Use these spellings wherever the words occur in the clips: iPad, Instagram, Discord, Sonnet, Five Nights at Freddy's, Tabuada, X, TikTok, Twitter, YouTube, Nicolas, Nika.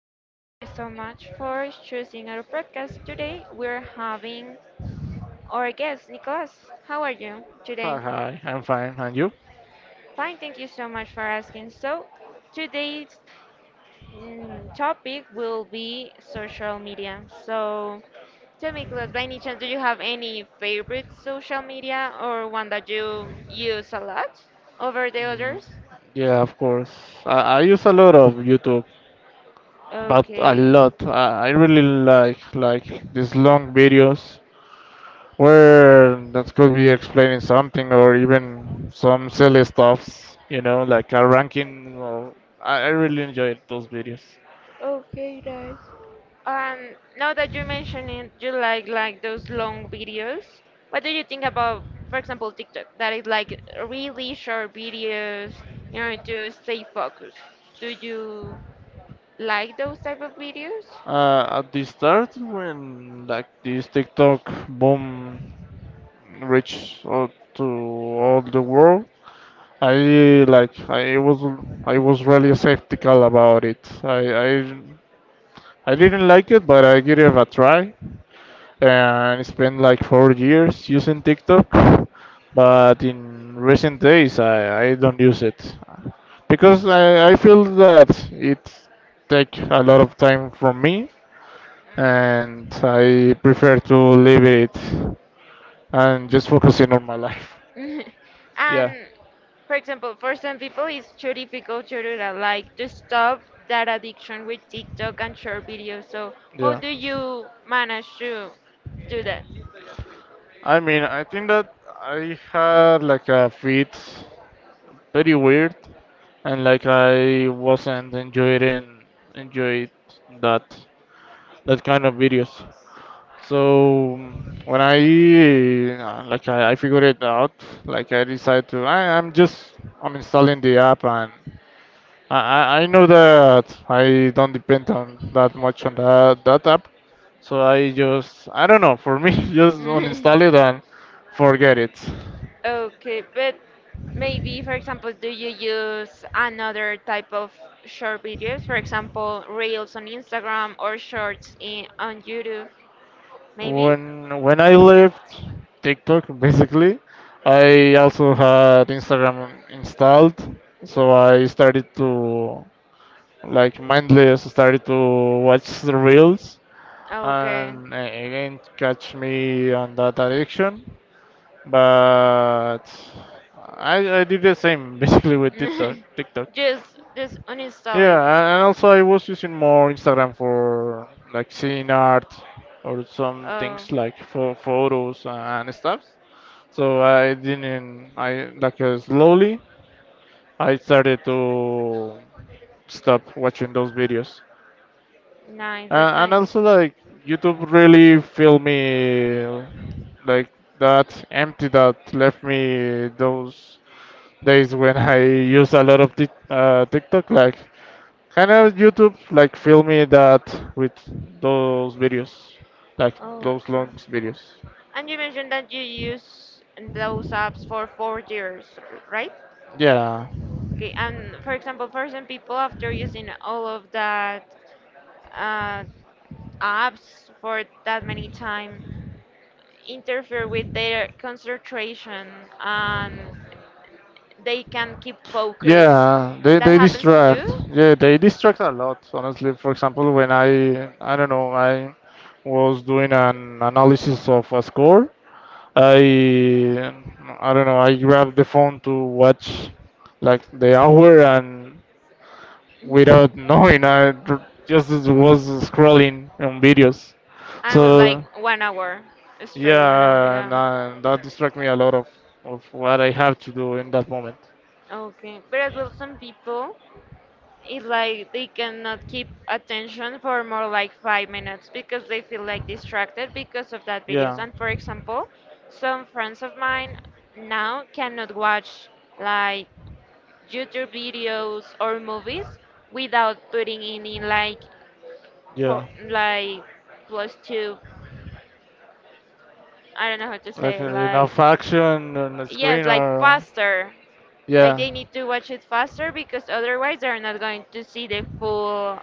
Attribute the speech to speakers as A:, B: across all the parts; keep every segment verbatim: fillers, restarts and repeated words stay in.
A: Veronica. Thank you so much for choosing our podcast. Today we're having our guest, Nicolas. How are you
B: Hi,
A: today?
B: hi, I'm fine. And you?
A: Fine, thank you so much for asking. So, today's mm, topic will be social media. So, tell me, Nicolas, by any chance, do you have any favorite social media or one that you use a lot over the others?
B: Yeah, of course. I, I use a lot of YouTube, but a
A: Okay.
B: lot. I, I really like like these long videos where that could be explaining something or even some silly stuffs, you know, like a ranking or I, I really enjoyed those videos.
A: Okay, nice. Um, now that you're mentioning you like like those long videos, what do you think about, for example, TikTok, that is like really short videos in order to stay focused? Do you like those type of videos?
B: Uh, at the start when like this TikTok boom reached out to all the world, I like I was I was really skeptical about it. I I, I didn't like it, but I gave it a try, and I spent like four years using TikTok. But in recent days, I, I don't use it because I, I feel that it take a lot of time from me, and I prefer to leave it and just focusing on my life.
A: Mm.
B: Yeah,
A: And for example, for some people, it's too difficult to do that, like to stop that addiction with TikTok and short videos. So, how
B: yeah.
A: do you manage to do that?
B: I mean, I think that I had like a fit very weird, and like I wasn't enjoying enjoyed that that kind of videos. So when I uh, like I, I figured it out, like I decided to I, I'm just uninstalling the app and I, I I know that I don't depend on that much on that, that app. So I just I don't know, for me just uninstall it and forget it.
A: Okay, but maybe, for example, do you use another type of short videos? For example, reels on Instagram or shorts in, on YouTube? Maybe?
B: When when I left TikTok, basically, I also had Instagram installed, so I started to like mindless started to watch the reels
A: Okay.
B: and uh, again catch me on that addiction. But I I did the same basically with TikTok. TikTok.
A: Just just uninstall
B: Yeah,
A: it.
B: a- and also I was using more Instagram for like seeing art or some
A: Oh,
B: things like for photos and stuff. So I didn't, I like uh, slowly I started to stop watching those videos.
A: nice, that's
B: Uh, and
A: nice.
B: also like YouTube really filled me like that empty that left me those days when I used a lot of tic uh, TikTok like. Can I YouTube like film me that with those videos, like those
A: Okay.
B: long videos?
A: And you mentioned that you use those apps for four years, r- right?
B: Yeah,
A: Okay, and for example, for some people, after using all of that, uh. apps for that many time interfere with their concentration and they can keep focus.
B: yeah, they
A: That
B: they
A: happens to
B: distract.
A: you?
B: Yeah, they distract a lot. Honestly, for example, when I I don't know, I was doing an analysis of a score, I I don't know, I grabbed the phone to watch like the hour and
A: Mhm.
B: without knowing I just was scrolling on videos.
A: I was like
B: So
A: one hour straight, one hour,
B: yeah, and,
A: yeah.
B: uh, that distract me a lot of, of what I have to do in that moment.
A: Okay, but as well, some people it's like they cannot keep attention for more like five minutes because they feel like distracted because of that videos.
B: Yeah.
A: And for example, some friends of mine now cannot watch like YouTube videos or movies without putting in, in like
B: Yeah,
A: po- like plus two. I don't know how to say
B: like uh,
A: it, like
B: enough action on the
A: yes,
B: screen
A: like
B: or
A: faster. Like
B: yeah.
A: they need to watch it faster because otherwise they're not going to see the full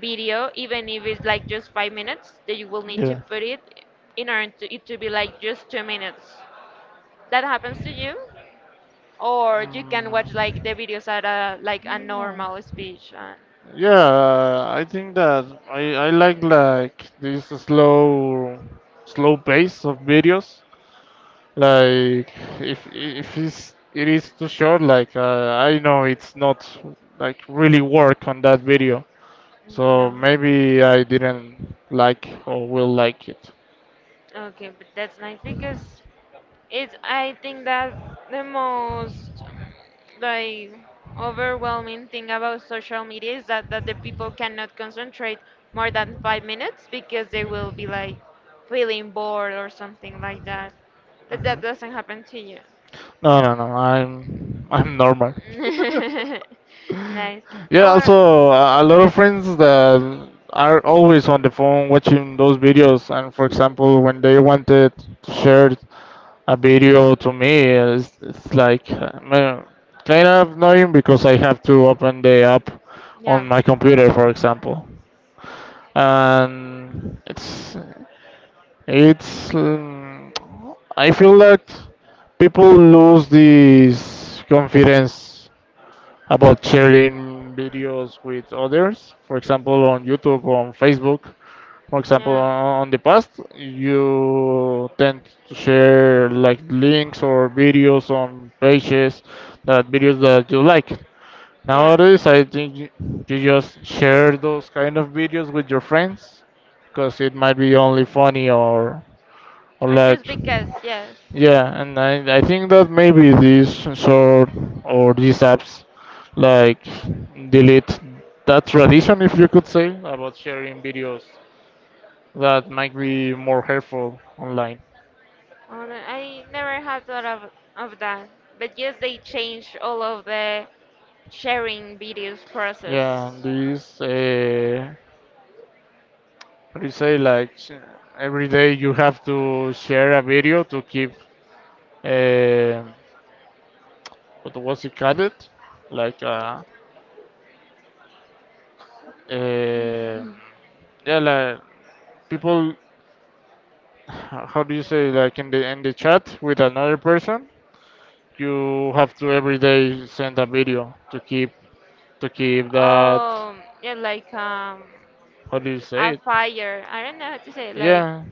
A: video, even if it's like just five minutes. That you will need to
B: Yeah.
A: put it in order to it to be like just two minutes. That happens to you, or you
B: Mm.
A: can watch like
B: Yeah.
A: the videos at a like a normal speech. uh,
B: Yeah, I think that I, I like like this slow slow pace of videos. Like if if it's, it is too short, like uh, I know it's not like really work on that video.
A: Okay.
B: So maybe I didn't like or will like it.
A: Okay, but that's nice because it's I think that the most like overwhelming thing about social media is that that the people cannot concentrate more than five minutes because they will be like feeling bored or something like that. But
B: Mhm.
A: that doesn't happen to you.
B: No, no, no. I'm I'm normal.
A: Nice.
B: Yeah.
A: Or
B: Also, a a lot of friends that are always on the phone watching those videos. And for example, when they wanted to share a video to me, it's, it's like uh, man, kind of annoying because I have to open the app on
A: yeah,
B: my computer, for example. And it's It's. Um, I feel that people lose this confidence about sharing videos with others. For example, on YouTube, on Facebook. For example,
A: yeah,
B: on the past, you tend to share like links or videos on pages that videos that you like.
A: yeah.
B: Nowadays, I think you you just share those kind of videos with your friends because it might be only funny or
A: Or
B: like,
A: just because, yes.
B: yeah, and I, I think that maybe these sensor or these apps like delete that tradition, if you could say, about sharing videos that might be more helpful online.
A: Oh, no, I never had thought of, of that. But yes, they changed all of the sharing videos
B: Yeah,
A: process.
B: these, uh, how do you say, like, sh- every day you have to share a video to keep uh, what was it called? Like uh, eh, yeah, like people. How do you say? Like in the in the chat with another person, you have to every day send a video to keep to keep that.
A: Um, yeah, like um,
B: How do you say
A: a
B: it?
A: fire. I don't know how to say it. Like
B: Yeah,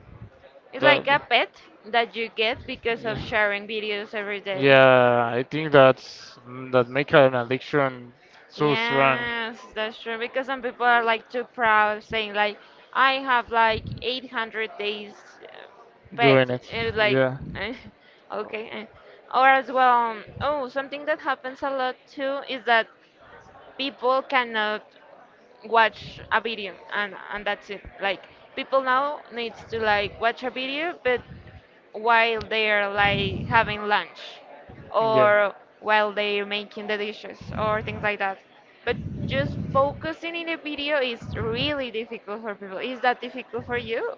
A: it's
B: that.
A: like a pet that you get because of
B: Yeah.
A: sharing videos every day.
B: Yeah, I think that's mm, that make an addiction so strong.
A: Yes, that's true because some people are like too proud saying like I have like eight hundred days uh, pet
B: Doing it.
A: and it's like
B: Yeah.
A: eh, okay eh. Or as well um, oh, something that happens a lot too is that people cannot watch a video and and that's it. Like people now needs to like watch a video but while they're like having lunch
B: Yeah.
A: or while they're making the dishes or things like that, but just focusing in a video is really difficult for people. Is that difficult for you,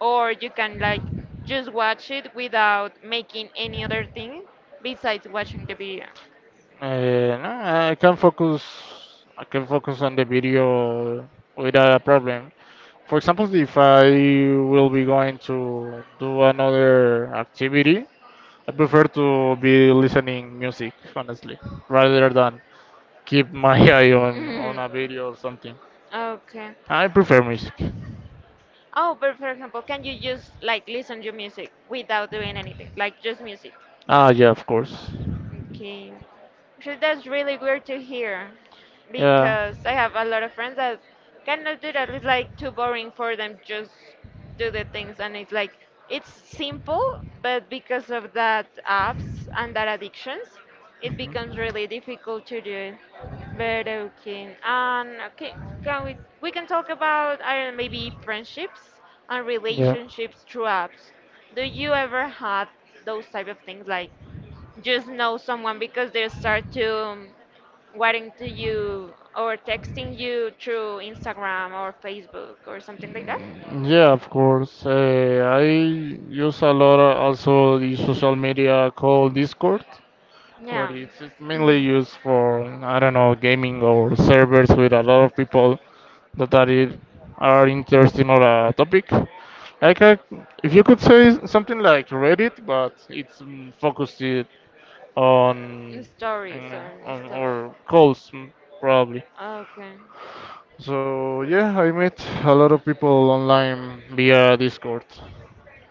A: or you can like just watch it without making any other thing besides watching the video?
B: Uh, no, I can focus. I can focus on the video without a problem. For example, if I will be going to do another activity, I prefer to be listening music, honestly, rather than keep my eye on,
A: Mhm.
B: on a video or something.
A: Okay.
B: I prefer music.
A: Oh, but for example, can you just like listen to music without doing anything, like just music?
B: Ah, yeah, of course.
A: Okay. Actually, that's really weird to hear
B: Yeah.
A: because I have a lot of friends that cannot do that. It's like too boring for them just do the things and it's like it's simple, but because of that apps and that addictions, it becomes
B: Mhm.
A: really difficult to do it. But okay. And okay, can we we can talk about, I don't know, maybe friendships and relationships through apps. Do you ever had those type of things, like just know someone because they start to um, writing to you or texting you through Instagram or Facebook or something like that?
B: Yeah, of course. Uh, I use a lot uh, also the social media called Discord. But
A: Yeah,
B: it's, it's mainly used for, I don't know, gaming or servers with a lot of people that are, i- are interested on a topic. Like, I, if you could say something like Reddit, but it's mm, focused it
A: and
B: on,
A: stories
B: mm,
A: or
B: on
A: stuff.
B: or calls, mm, probably.
A: Okay.
B: So, yeah, I met a lot of people online via Discord.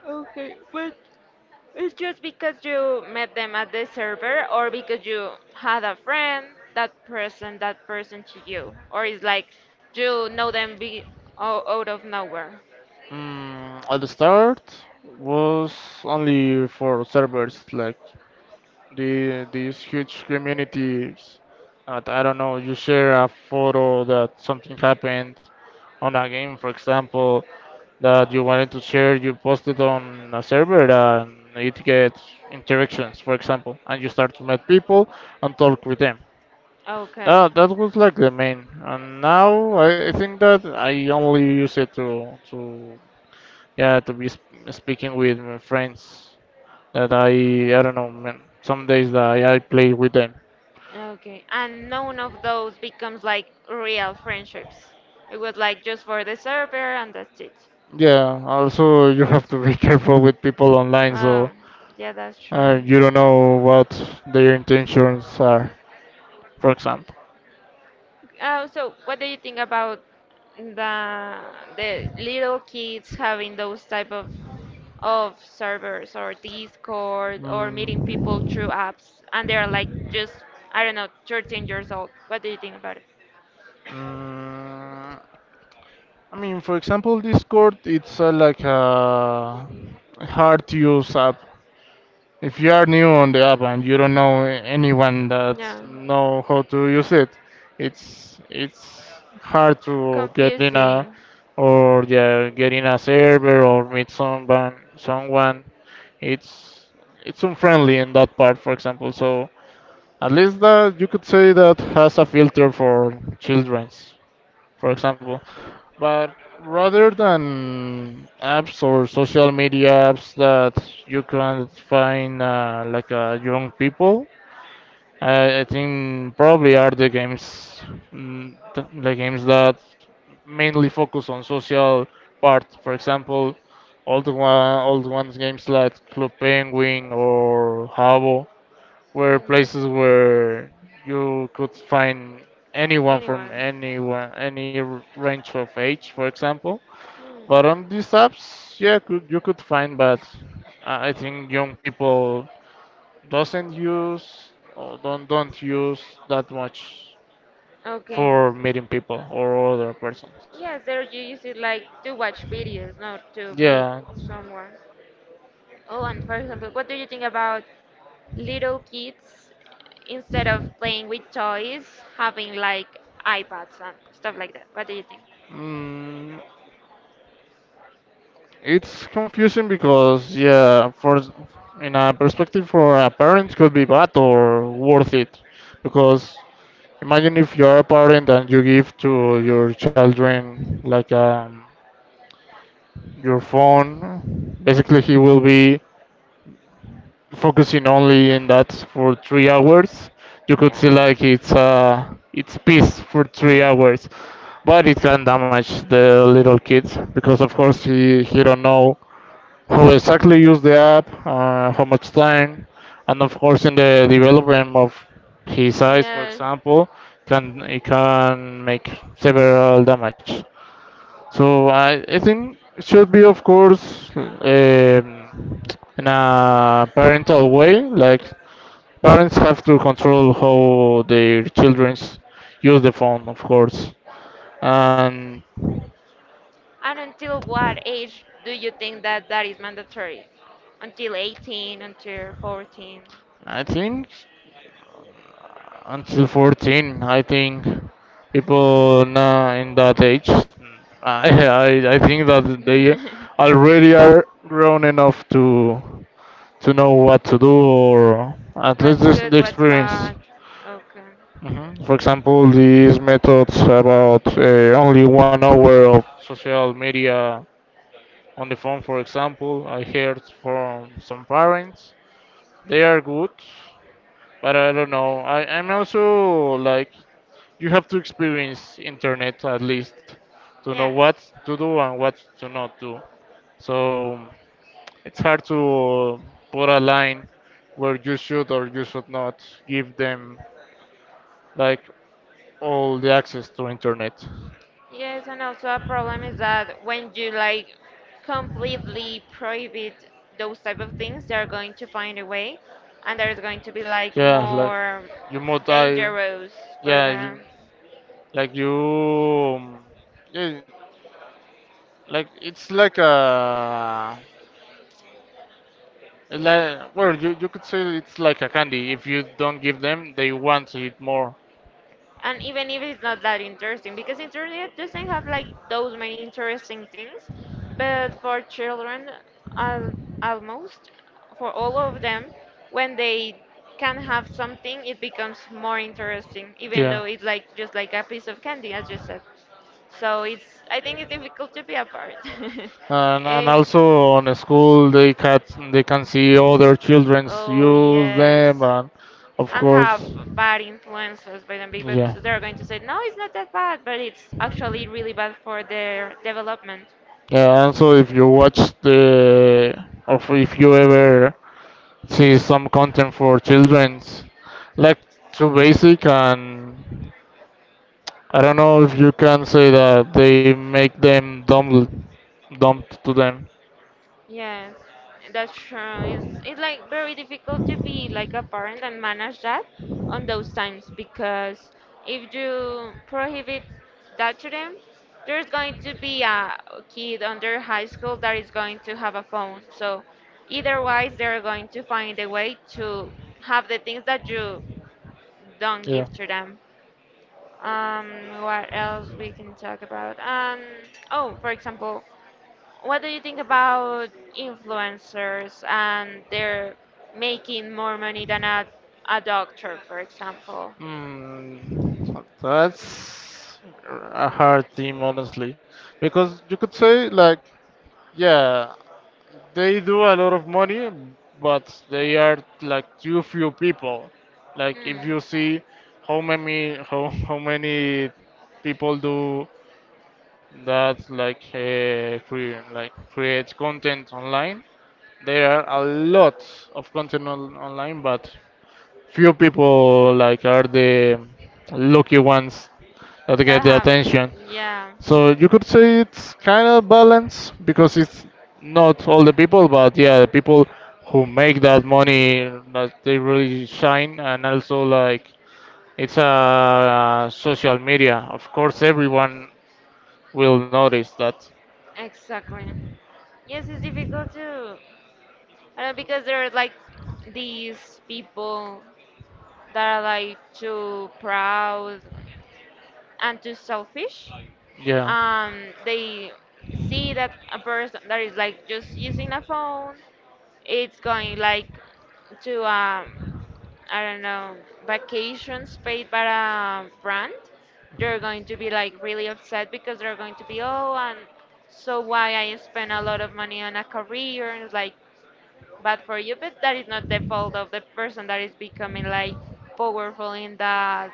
A: Okay, but it's just because you met them at the server, or because you had a friend that person that person to you, or it's like you know them be o- out of nowhere.
B: Mm, at the start was only for servers like the these huge communities that I don't know, you share a photo that something happened on a game, for example, that you wanted to share, you post it on a server and it gets interactions, for example, and you start to meet people and talk with them.
A: Okay.
B: Uh, that was like the main, and now I, I think that I only use it to to yeah to be sp speaking with my friends that I I don't know man, some days that I, I play with them.
A: Okay, and none of those becomes like real friendships. It was like just for the server and that's it.
B: Yeah, also you have to be careful with people online,
A: Oh,
B: so
A: yeah, that's true.
B: uh, you don't know what their intentions are, for example.
A: Oh, so what do you think about the the little kids having those type of of servers or Discord or meeting people through
B: Mm.
A: apps and they're like just, I don't know, thirteen years old. What do you think about it?
B: Mm, I mean, for example, Discord, it's uh, like a hard to use app. If you are new on the app and you don't know anyone that
A: No,
B: know how to use it, it's it's hard to get in a
A: confusing.
B: or yeah, get in a server or meet someone someone. It's it's unfriendly in that part, for example. So at least that you could say that has a filter for childrens for example. But rather than apps or social media apps that you can find uh, like uh, young people, I I think probably are the games, mm, th- the games that mainly focus on social part. For example, old one, old ones games like Club Penguin or Habbo were places
A: Mm.
B: where you could find anyone from
A: Anyone?
B: anyone, any r- range of age, for example.
A: Hmm.
B: But on these apps, yeah, could, you could find, but I I think young people doesn't use or don't don't use that much
A: Okay.
B: for meeting people or other persons.
A: Yes, there you use it like to watch videos, not to meet
B: Yeah.
A: someone. Oh, and for example, what do you think about little kids instead of playing with toys, having like iPads and stuff like that? What do you think?
B: Mm, It's confusing because yeah, for in a perspective for a parent could be bad or worth it because imagine if you are a parent and you give to your children like um, your phone, basically he will be focusing only in that for three hours. You could see
A: Yeah.
B: like it's uh it's peace for three
A: Mhm.
B: hours, but it can damage the little kids because of course he he don't know who exactly use the app, uh, how much time, and of course in the development of his eyes, for
A: Yes.
B: example, can it can make several damage. So I, I think it should be, of course, um, in a parental way. Like parents have to control how their children use the phone, of course. And
A: And until what age do you think that that is mandatory? Until eighteen, until fourteen?
B: I think until fourteen, I think people now in that age I, I i think that they already are grown enough to to know what to do or at least
A: What's
B: this, the
A: good, what's
B: experience,
A: bad? Okay.
B: hmm for example these methods about uh, only one hour of social media on the phone for example, I heard from some parents they are good but I don't know. I, I'm also like you have to experience internet at least to know
A: Yeah.
B: what to do and what to not do. So it's hard to put a line where you should or you should not give them like all the access to internet.
A: Yes, and also a problem is that when you like completely prohibit those type of things, they're going to find a way, and there's going to be like
B: Yeah, like
A: more
B: you might die.
A: dangerous for
B: Yeah,
A: them.
B: you, Like you, um, yeah, like it's like a like well, you you could say it's like a candy. If you don't give them, they want it more.
A: And even if it's not that interesting because internet doesn't have like those many interesting things, but for children, al- almost for all of them, when they can have something it becomes more interesting, even
B: Yeah.
A: though it's like just like a piece of candy as you said. So it's, I think it's difficult to be apart.
B: And, and
A: And,
B: also on a school they can they can see other childrens
A: oh
B: use
A: yes,
B: them and of
A: and have
B: course
A: bad influences by them because
B: yeah.
A: they're going to say, no, it's not that bad, but it's actually really bad for their development.
B: Yeah, and so if you watch the or if you ever see some content for childrens like too basic and I don't know if you can say that they make them dumb dumb to them.
A: Yes, that's true. It's, it's like very difficult to be like a parent and manage that on those times because if you prohibit that to them, there's going to be a kid under high school that is going to have a phone. So either wise, they're going to find a way to have the things that you don't
B: Yeah.
A: give to them. Um, what else we can talk about? Um, oh, for example, what do you think about influencers and they're making more money than a, a doctor, for example?
B: Mm, so that's a hard theme, honestly, because you could say like, yeah, they do a lot of money, but they are like too few people. Like if
A: Hmm.
B: you see how many how, how many people do that like uh, cre- like create content online. There are a lot of content on, online, but few people like are the lucky ones that get
A: That
B: the
A: have,
B: attention.
A: yeah,
B: So you could say it's kind of balance because it's not all the people, but yeah, the people who make that money that they really shine, and also like it's a uh, social media. Of course, everyone will notice that.
A: exactly. Yes, it's difficult too, I know, because there are like these people that are like too proud and too selfish, um, they see that a person that is like just using a phone it's going like to um, I don't know, vacations paid by a brand. They're going to be like really upset because they're going to be, oh, and so why I spend a lot of money on a career and it's like bad for you, but that is not the fault of the person that is becoming like powerful in that,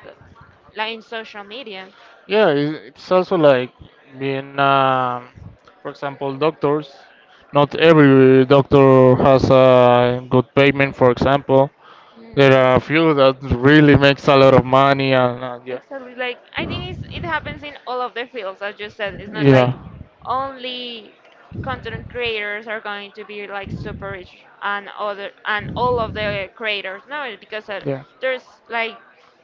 A: like in social media.
B: Yeah, i- it's also like being, um, for example, doctors. Not every doctor has a good payment, for example. There are a
A: Mm.
B: few that really makes a lot of money, and, and yeah.
A: Exactly. Like I think it's, it happens in all of the fields, as you said. It's not
B: Yeah.
A: like only content creators are going to be like super rich and other and all of the creators. No, because uh,
B: Yeah.
A: there's like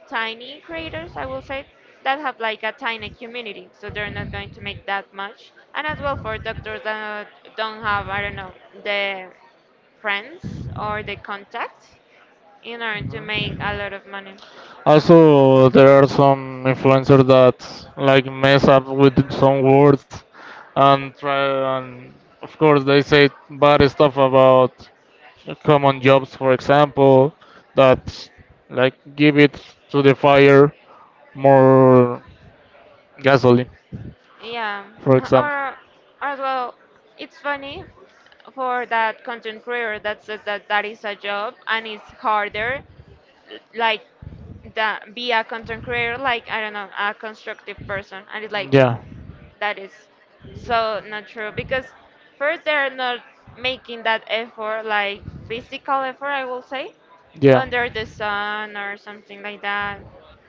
A: tiny creators, I will say, that have like a tiny community, so they're not going to make that much. And as well for doctors that don't have, I don't know, the friends or the contact in order to make
B: Mhm.
A: a lot of money.
B: Also, there are some influencers that like mess up with some words and try and of course they say bad stuff about common jobs, for example, that like give it to the fire more gasoline,
A: Yeah,
B: for example.
A: or as well, it's funny for that content creator that says that that is a job and it's harder, like that be a content creator, like I don't know, a constructive person, and it's like
B: Yeah,
A: that is so not true because first they're not making that effort, like physical effort I will say,
B: yeah,
A: under the sun or something like that.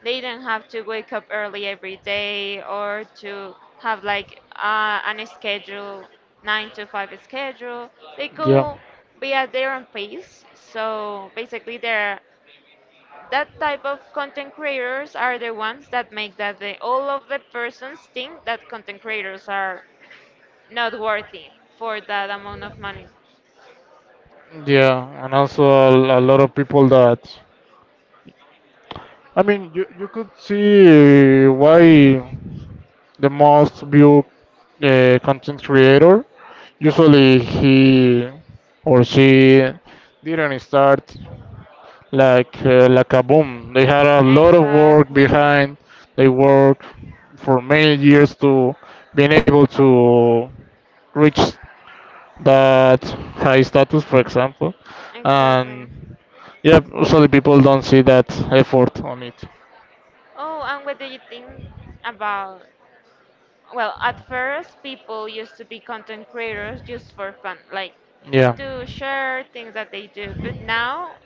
A: They don't have to wake up early every day or to have like uh, an schedule, nine to five schedule. They
B: yeah.
A: could be at their own pace, so basically they're that type of content creators are the ones that make that the, all of the persons think that content creators are not worthy for that amount of money.
B: Yeah, and also a, a lot of people that I mean, you you could see why the most viewed uh, content creator. Usually he or she didn't start like uh, like a boom. They had a lot of work
A: Exactly.
B: behind. They worked for many years to being able to reach that high status, for example.
A: Exactly.
B: And yeah, usually people don't see that effort on it.
A: Oh, and what do you think about, well, at first, people used to be content creators just for fun, like
B: Yeah.
A: to share things that they do. But now,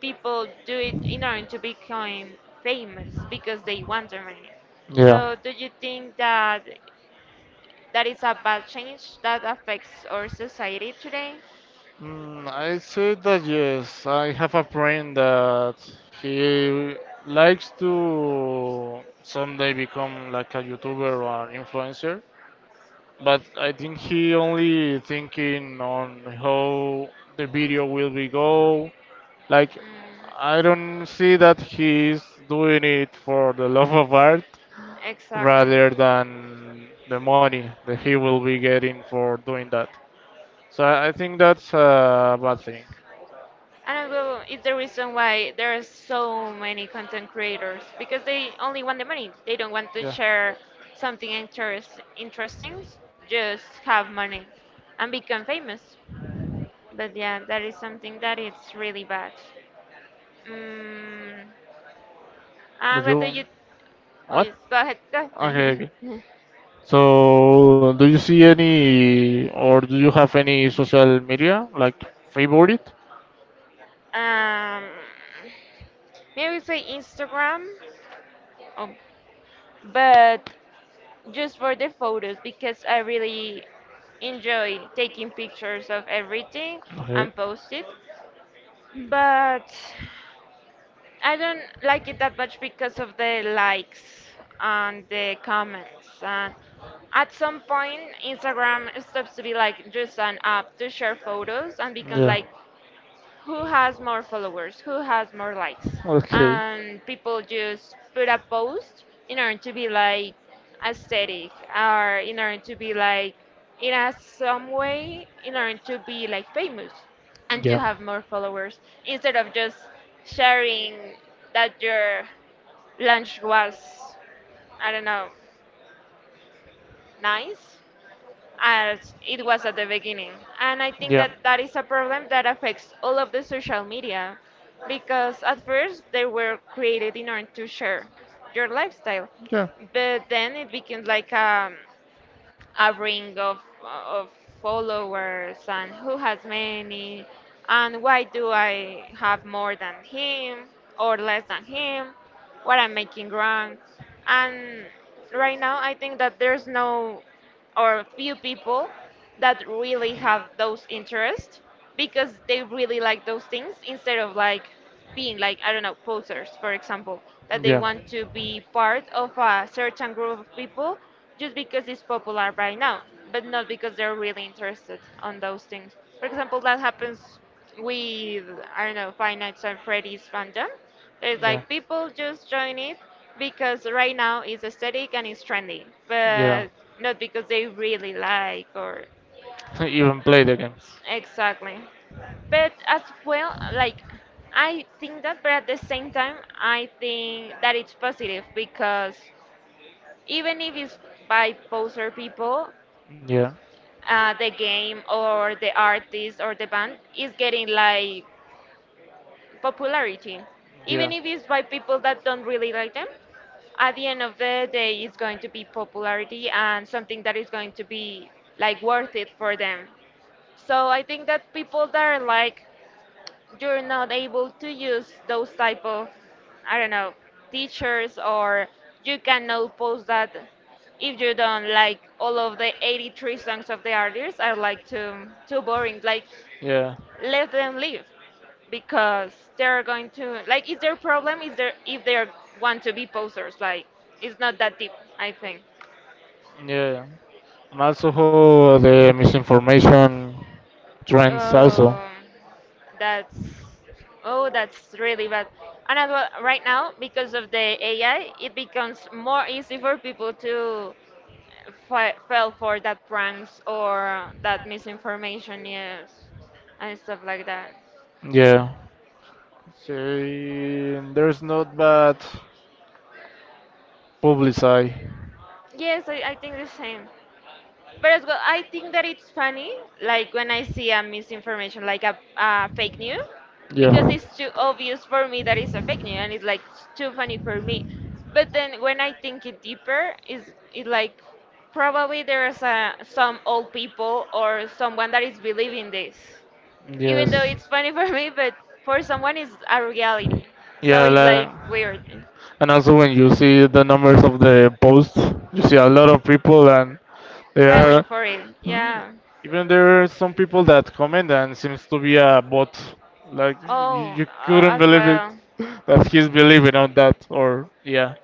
A: people do it in order to become famous because they want the money.
B: Yeah.
A: So, do you think that that is a bad change that affects our society today?
B: Mm, I say that yes. I have a friend that he likes to someday become like a YouTuber or an influencer, but I think he only thinking on how the video will be go, like,
A: Mm,
B: I don't see that he's doing it for the love of art
A: exactly.
B: rather than the money that he will be getting for doing that. So I I think that's a bad thing.
A: And Adobo is the reason why there are so many content creators because they only want the money. They don't want to
B: Yeah.
A: share something interest, interesting, just have money and become famous. But yeah, that is something that it's really bad. Mm, and
B: But
A: what do
B: you,
A: you? Oh
B: what?
A: yes, go ahead. Go
B: Okay, okay.
A: ahead.
B: So, do you see any, or do you have any social media like favorite?
A: um, maybe say Instagram. Oh, but just for the photos because I really enjoy taking pictures of everything
B: Okay.
A: and post it. But I don't like it that much because of the likes and the comments. And at some point, Instagram stops to be like just an app to share photos and becomes
B: Yeah.
A: like who has more followers, who has more likes.
B: Okay.
A: And people just put a post in order to be like aesthetic or in order to be like in a some way in order to be like famous and to
B: Yeah.
A: have more followers instead of just sharing that your lunch was, I don't know, nice as it was at the beginning. And I think that that is a problem that affects all of the social media because at first they were created in order to share your lifestyle, but then it became like a, a ring of, of followers and who has many, and why do I have more than him or less than him, what I'm making wrong. And right now, I think that there's no or a few people that really have those interests because they really like those things instead of like being like, I don't know, posers for example, that
B: Mm-hmm.
A: they
B: Yeah.
A: want to be part of a certain group of people just because it's popular right now, but not because they're really interested on those things. For example, that happens with, I don't know, Five Nights at Freddy's fandom. It's like
B: Yeah.
A: people just join it because right now it's aesthetic and it's trendy, but
B: Yeah.
A: not because they really like. Or
B: Even play the games.
A: exactly. But as well, like I think that, but at the same time, I think that it's positive because even if it's by poser people,
B: Yeah.
A: uh, the game or the artist or the band is getting like popularity, even
B: Yeah.
A: if it's by people that don't really like them. At the end of the day, it's going to be popularity and something that is going to be like worth it for them. So I think that people that are like, you're not able to use those type of, I don't know, teachers, or you cannot post that if you don't like all of the eighty-three songs of the artists are like too too boring. Like
B: Yeah.
A: let them live because they're going to like, is their problem, is there, if they want to be posers, like it's not that deep, I think.
B: Yeah. And also how the misinformation trends also.
A: Oh, that's, oh, that's really bad. And as well, right now, because of the AI, it becomes more easy for people to fi- fell for that pranks or that misinformation, yes, and stuff like that.
B: Yeah. So there's not bad publicity.
A: Yes, i, I think the same. But as well, I think that it's funny, like when I see a misinformation, like a, a fake news, because
B: Yeah.
A: it's too obvious for me that it's a fake news, and it's like s- too funny for me. But then when I think it deeper, is it like probably there is a, some old people or someone that is believing this, even though
B: Yes.
A: it's funny for me, but for someone it's a reality. So
B: Yeah,
A: it's
B: like.
A: like weird,
B: And also when you see the numbers of the posts, you see a lot of people and there
A: falling
B: are
A: for it, yeah.
B: even there are some people that comment and seems to be a bot. Like you,
A: Oh,
B: you
A: uh,
B: couldn't
A: as
B: believe it
A: well.
B: that he's believing on that or yeah.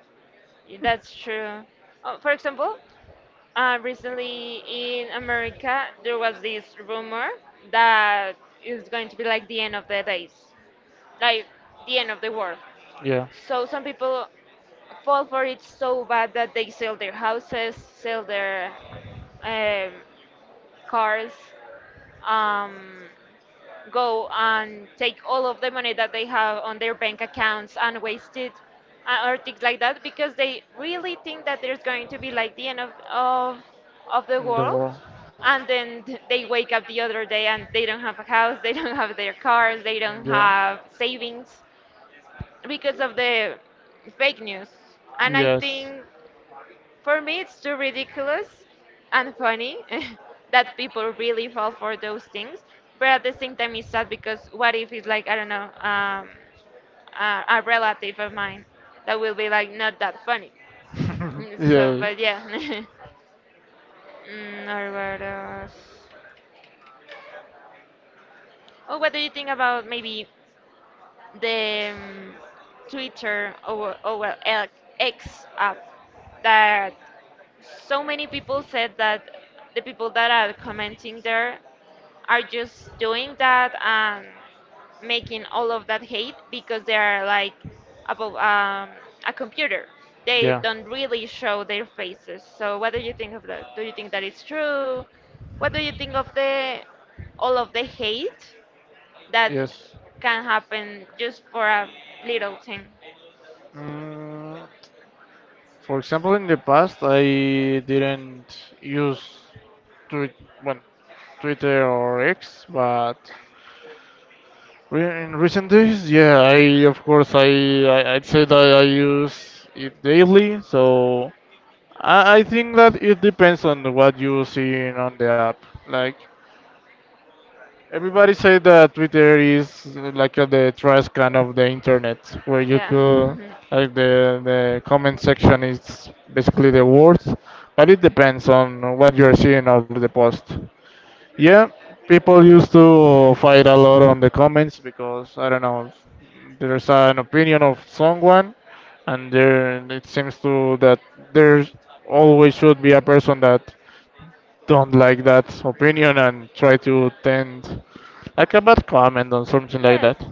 A: That's true. Uh, for example, uh, recently in America, there was this rumor that it's going to be like the end of the days, like the end of the world.
B: Yeah.
A: So some people fall for it so bad that they sell their houses, sell their um, cars. Um, Go and take all of the money that they have on their bank accounts and waste it, uh, or things like that because they really think that there's going to be like the end of, of, of the
B: The
A: world.
B: war.
A: And then th- they wake up the other day and they don't have a house, they don't have their cars, they don't
B: Yeah.
A: have savings because of the fake news. And I
B: Yes.
A: think, for me, it's too ridiculous and funny that people really fall for those things. But at the same time, it's sad because what if it's like, I don't know, um, a, a relative of mine. That will be like not that funny. Mm, So,
B: yeah.
A: but yeah. Mm, or what else? Oh, what do you think about maybe the um, Twitter or, or well, L- X app, that so many people said that the people that are commenting there are just doing that and making all of that hate because they are like above, um, a computer. They
B: Yeah.
A: don't really show their faces. So what do you think of that? Do you think that it's true? What do you think of the all of the hate that
B: Yes.
A: can happen just for a little thing?
B: Mm, for example, in the past, I didn't use Twitter, well, Twitter or X, but Re- In recent days, yeah, I of course I, I, I'd say that I use it daily, so I, I think that it depends on what you see on the app. Like everybody say that Twitter is uh, like uh, the trash can of the internet, where you
A: Yeah.
B: could like the the comment section is basically the worst, but it depends on what you are seeing on the post. Yeah, people used to fight a lot on the comments because I don't know, there's an opinion of someone, and there it seems to that there always should be a person that don't like that opinion and try to tend like a bad comment on something like
A: Yes.
B: that.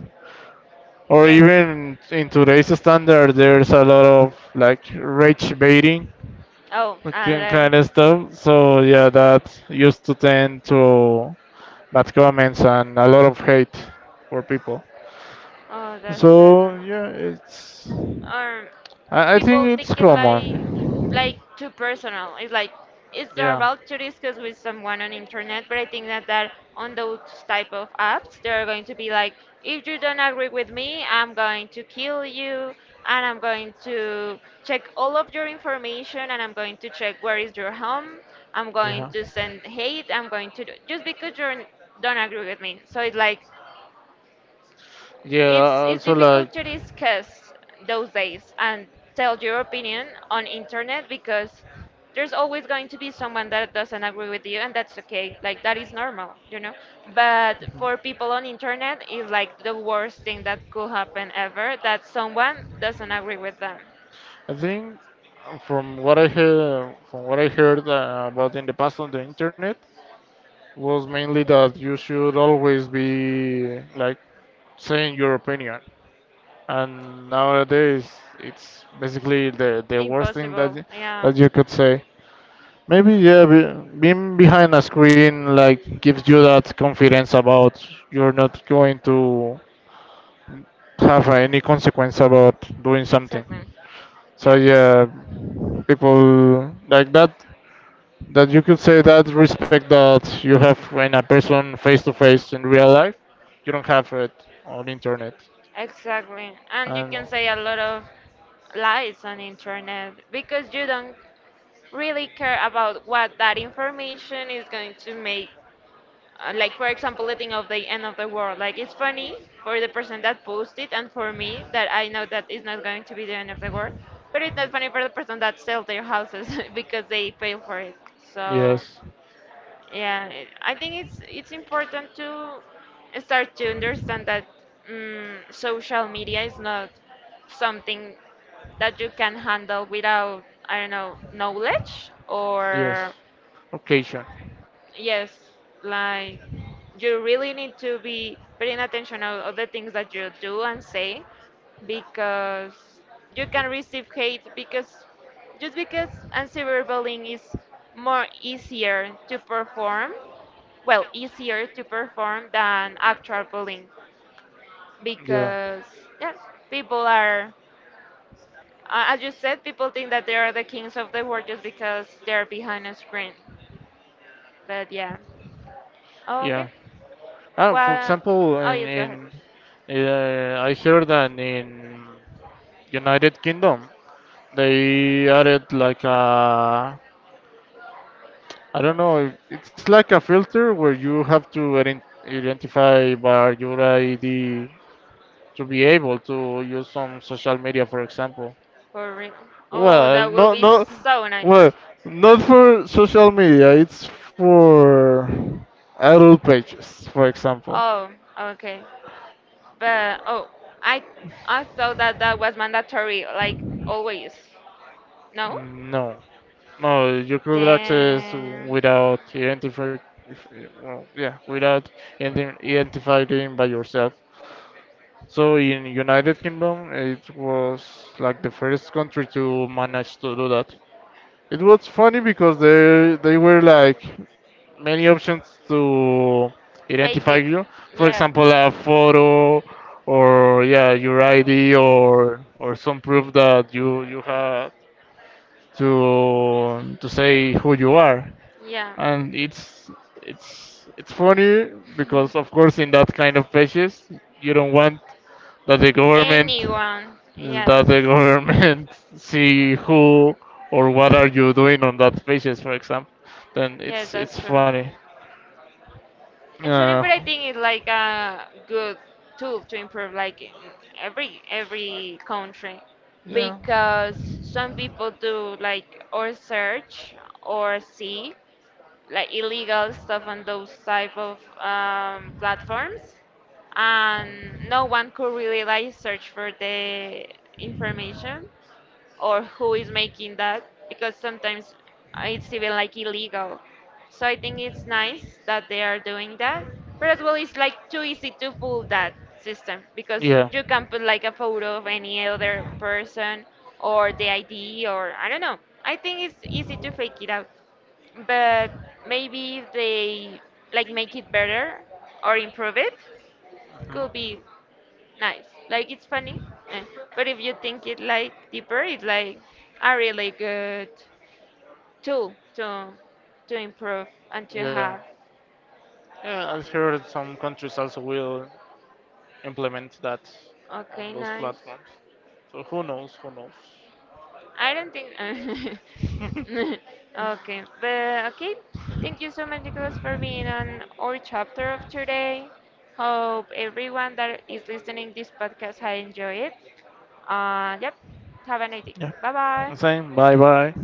B: Or
A: Yes.
B: even in today's standard, there's a lot of like rage baiting
A: Oh, I
B: kind kind
A: learned.
B: of stuff. So yeah, that used to tend to bad comments and a lot of hate for people.
A: Oh, that's true.
B: So yeah, it's
A: um,
B: I, I think
A: People
B: it's
A: take it like like
B: common.
A: too personal. It's like it's
B: Yeah.
A: normal to discuss with someone on internet, but I think that that on those type of apps, they're going to be like, if you don't agree with me, I'm going to kill you, and I'm going to check all of your information, and I'm going to check where is your home. I'm going
B: Yeah.
A: to send hate. I'm going to do, just because you don't agree with me. So it's like it's
B: Yeah,
A: it's
B: also like
A: difficult to discuss those days and tell your opinion on internet because there's always going to be someone that doesn't agree with you, and that's okay, like that is normal, you know. But
B: mhm.
A: for people on internet is like the worst thing that could happen ever, that someone doesn't agree with them.
B: I think uh, from what I hear from what I heard uh, about in the past on the internet was mainly that you should always be like saying your opinion. And nowadays, it's basically the the worst thing that
A: Impossible,
B: y-
A: yeah.
B: that you could say. Maybe yeah, be, being behind a screen like gives you that confidence about you're not going to have any consequence about doing something.
A: Exactly.
B: So
A: Yeah.
B: yeah, people like that that you could say that respect that you have when a person face to face in real life, you don't have it on internet.
A: Exactly. And you
B: And
A: can say a lot of lies on internet because you don't really care about what that information is going to make. Uh, like for example, the thing of the end of the world. Like it's funny for the person that posted and for me that I know that it's not going to be the end of the world, but it's not funny for the person that sells their houses because they pay for it. So.
B: yes,
A: Yeah, it- I think it's it's important to start to understand that mm social media is not something that you can handle without, I don't know, knowledge
B: yes.
A: or.
B: Okay, sure.
A: Yes, like you really need to be paying attention of, of the things that you do and say because you can receive hate because just because cyberbullying is more easier to perform, well, easier to perform than actual bullying
B: Yeah.
A: because yeah, people are, uh, as you said, people think that they are the kings of the world just because they're behind a screen. But yeah.
B: Yeah.
A: Okay.
B: Ah, for
A: Well,
B: example,
A: oh yes, go ahead.
B: in, in uh, I heard that in United Kingdom they added like a I don't know, it's like a filter where you have to ident- identify by your I D to be able to use some social media, for example.
A: For real. Oh,
B: Well,
A: that will
B: not
A: be
B: not
A: so
B: well,
A: nice.
B: not for social media. It's for adult pages, for example.
A: Oh, okay. But oh, I I thought that that was mandatory, like always. No?
B: No, no, you could access
A: Then
B: without identify, if- well, yeah, without identi- identifying by yourself. So in United Kingdom, it was like the first country to manage to do that. It was funny because there they were like many options to
A: fake
B: identify
A: it.
B: you. For
A: Yeah.
B: example, a photo or yeah, your I D or or some proof that you you had to to say who you are.
A: Yeah.
B: And it's it's it's funny because of course in that kind of pages you don't want that the government
A: Anyone. Yes.
B: that the government see who or what are you doing on that pages, for example. Then
A: Yes,
B: it's it's
A: that's true.
B: funny.
A: And Sonnet,
B: Uh,
A: I think, is like a good tool to improve like in every every country because some people do like or search or see like illegal
B: yeah.
A: stuff on those type of, um, platforms, and no one could really like search for the information or who is making that because sometimes it's even like illegal. So I think it's nice that they are doing that. But as well, it's like too easy to fool that system because
B: Yeah.
A: you
B: Mhm.
A: can put like a photo of any other person or the I D, or I don't know. I think it's easy to fake it out. But maybe if they like make it better or improve it, could be nice. Like it's funny, eh, but if you think it like deeper, it's like a really good tool to to improve and to
B: Yeah.
A: have.
B: Yeah, I've heard
A: O-
B: some countries also will implement that on
A: Okay,
B: those
A: nice.
B: platforms. So who knows? Who knows?
A: I don't think. Okay, but okay. Thank you so much, Nicholas, for being on our chapter of today. Hope everyone that is listening this podcast has enjoyed it. Uh, yep. Have a nice day.
B: Yeah.
A: Bye bye.
B: Same. Bye bye.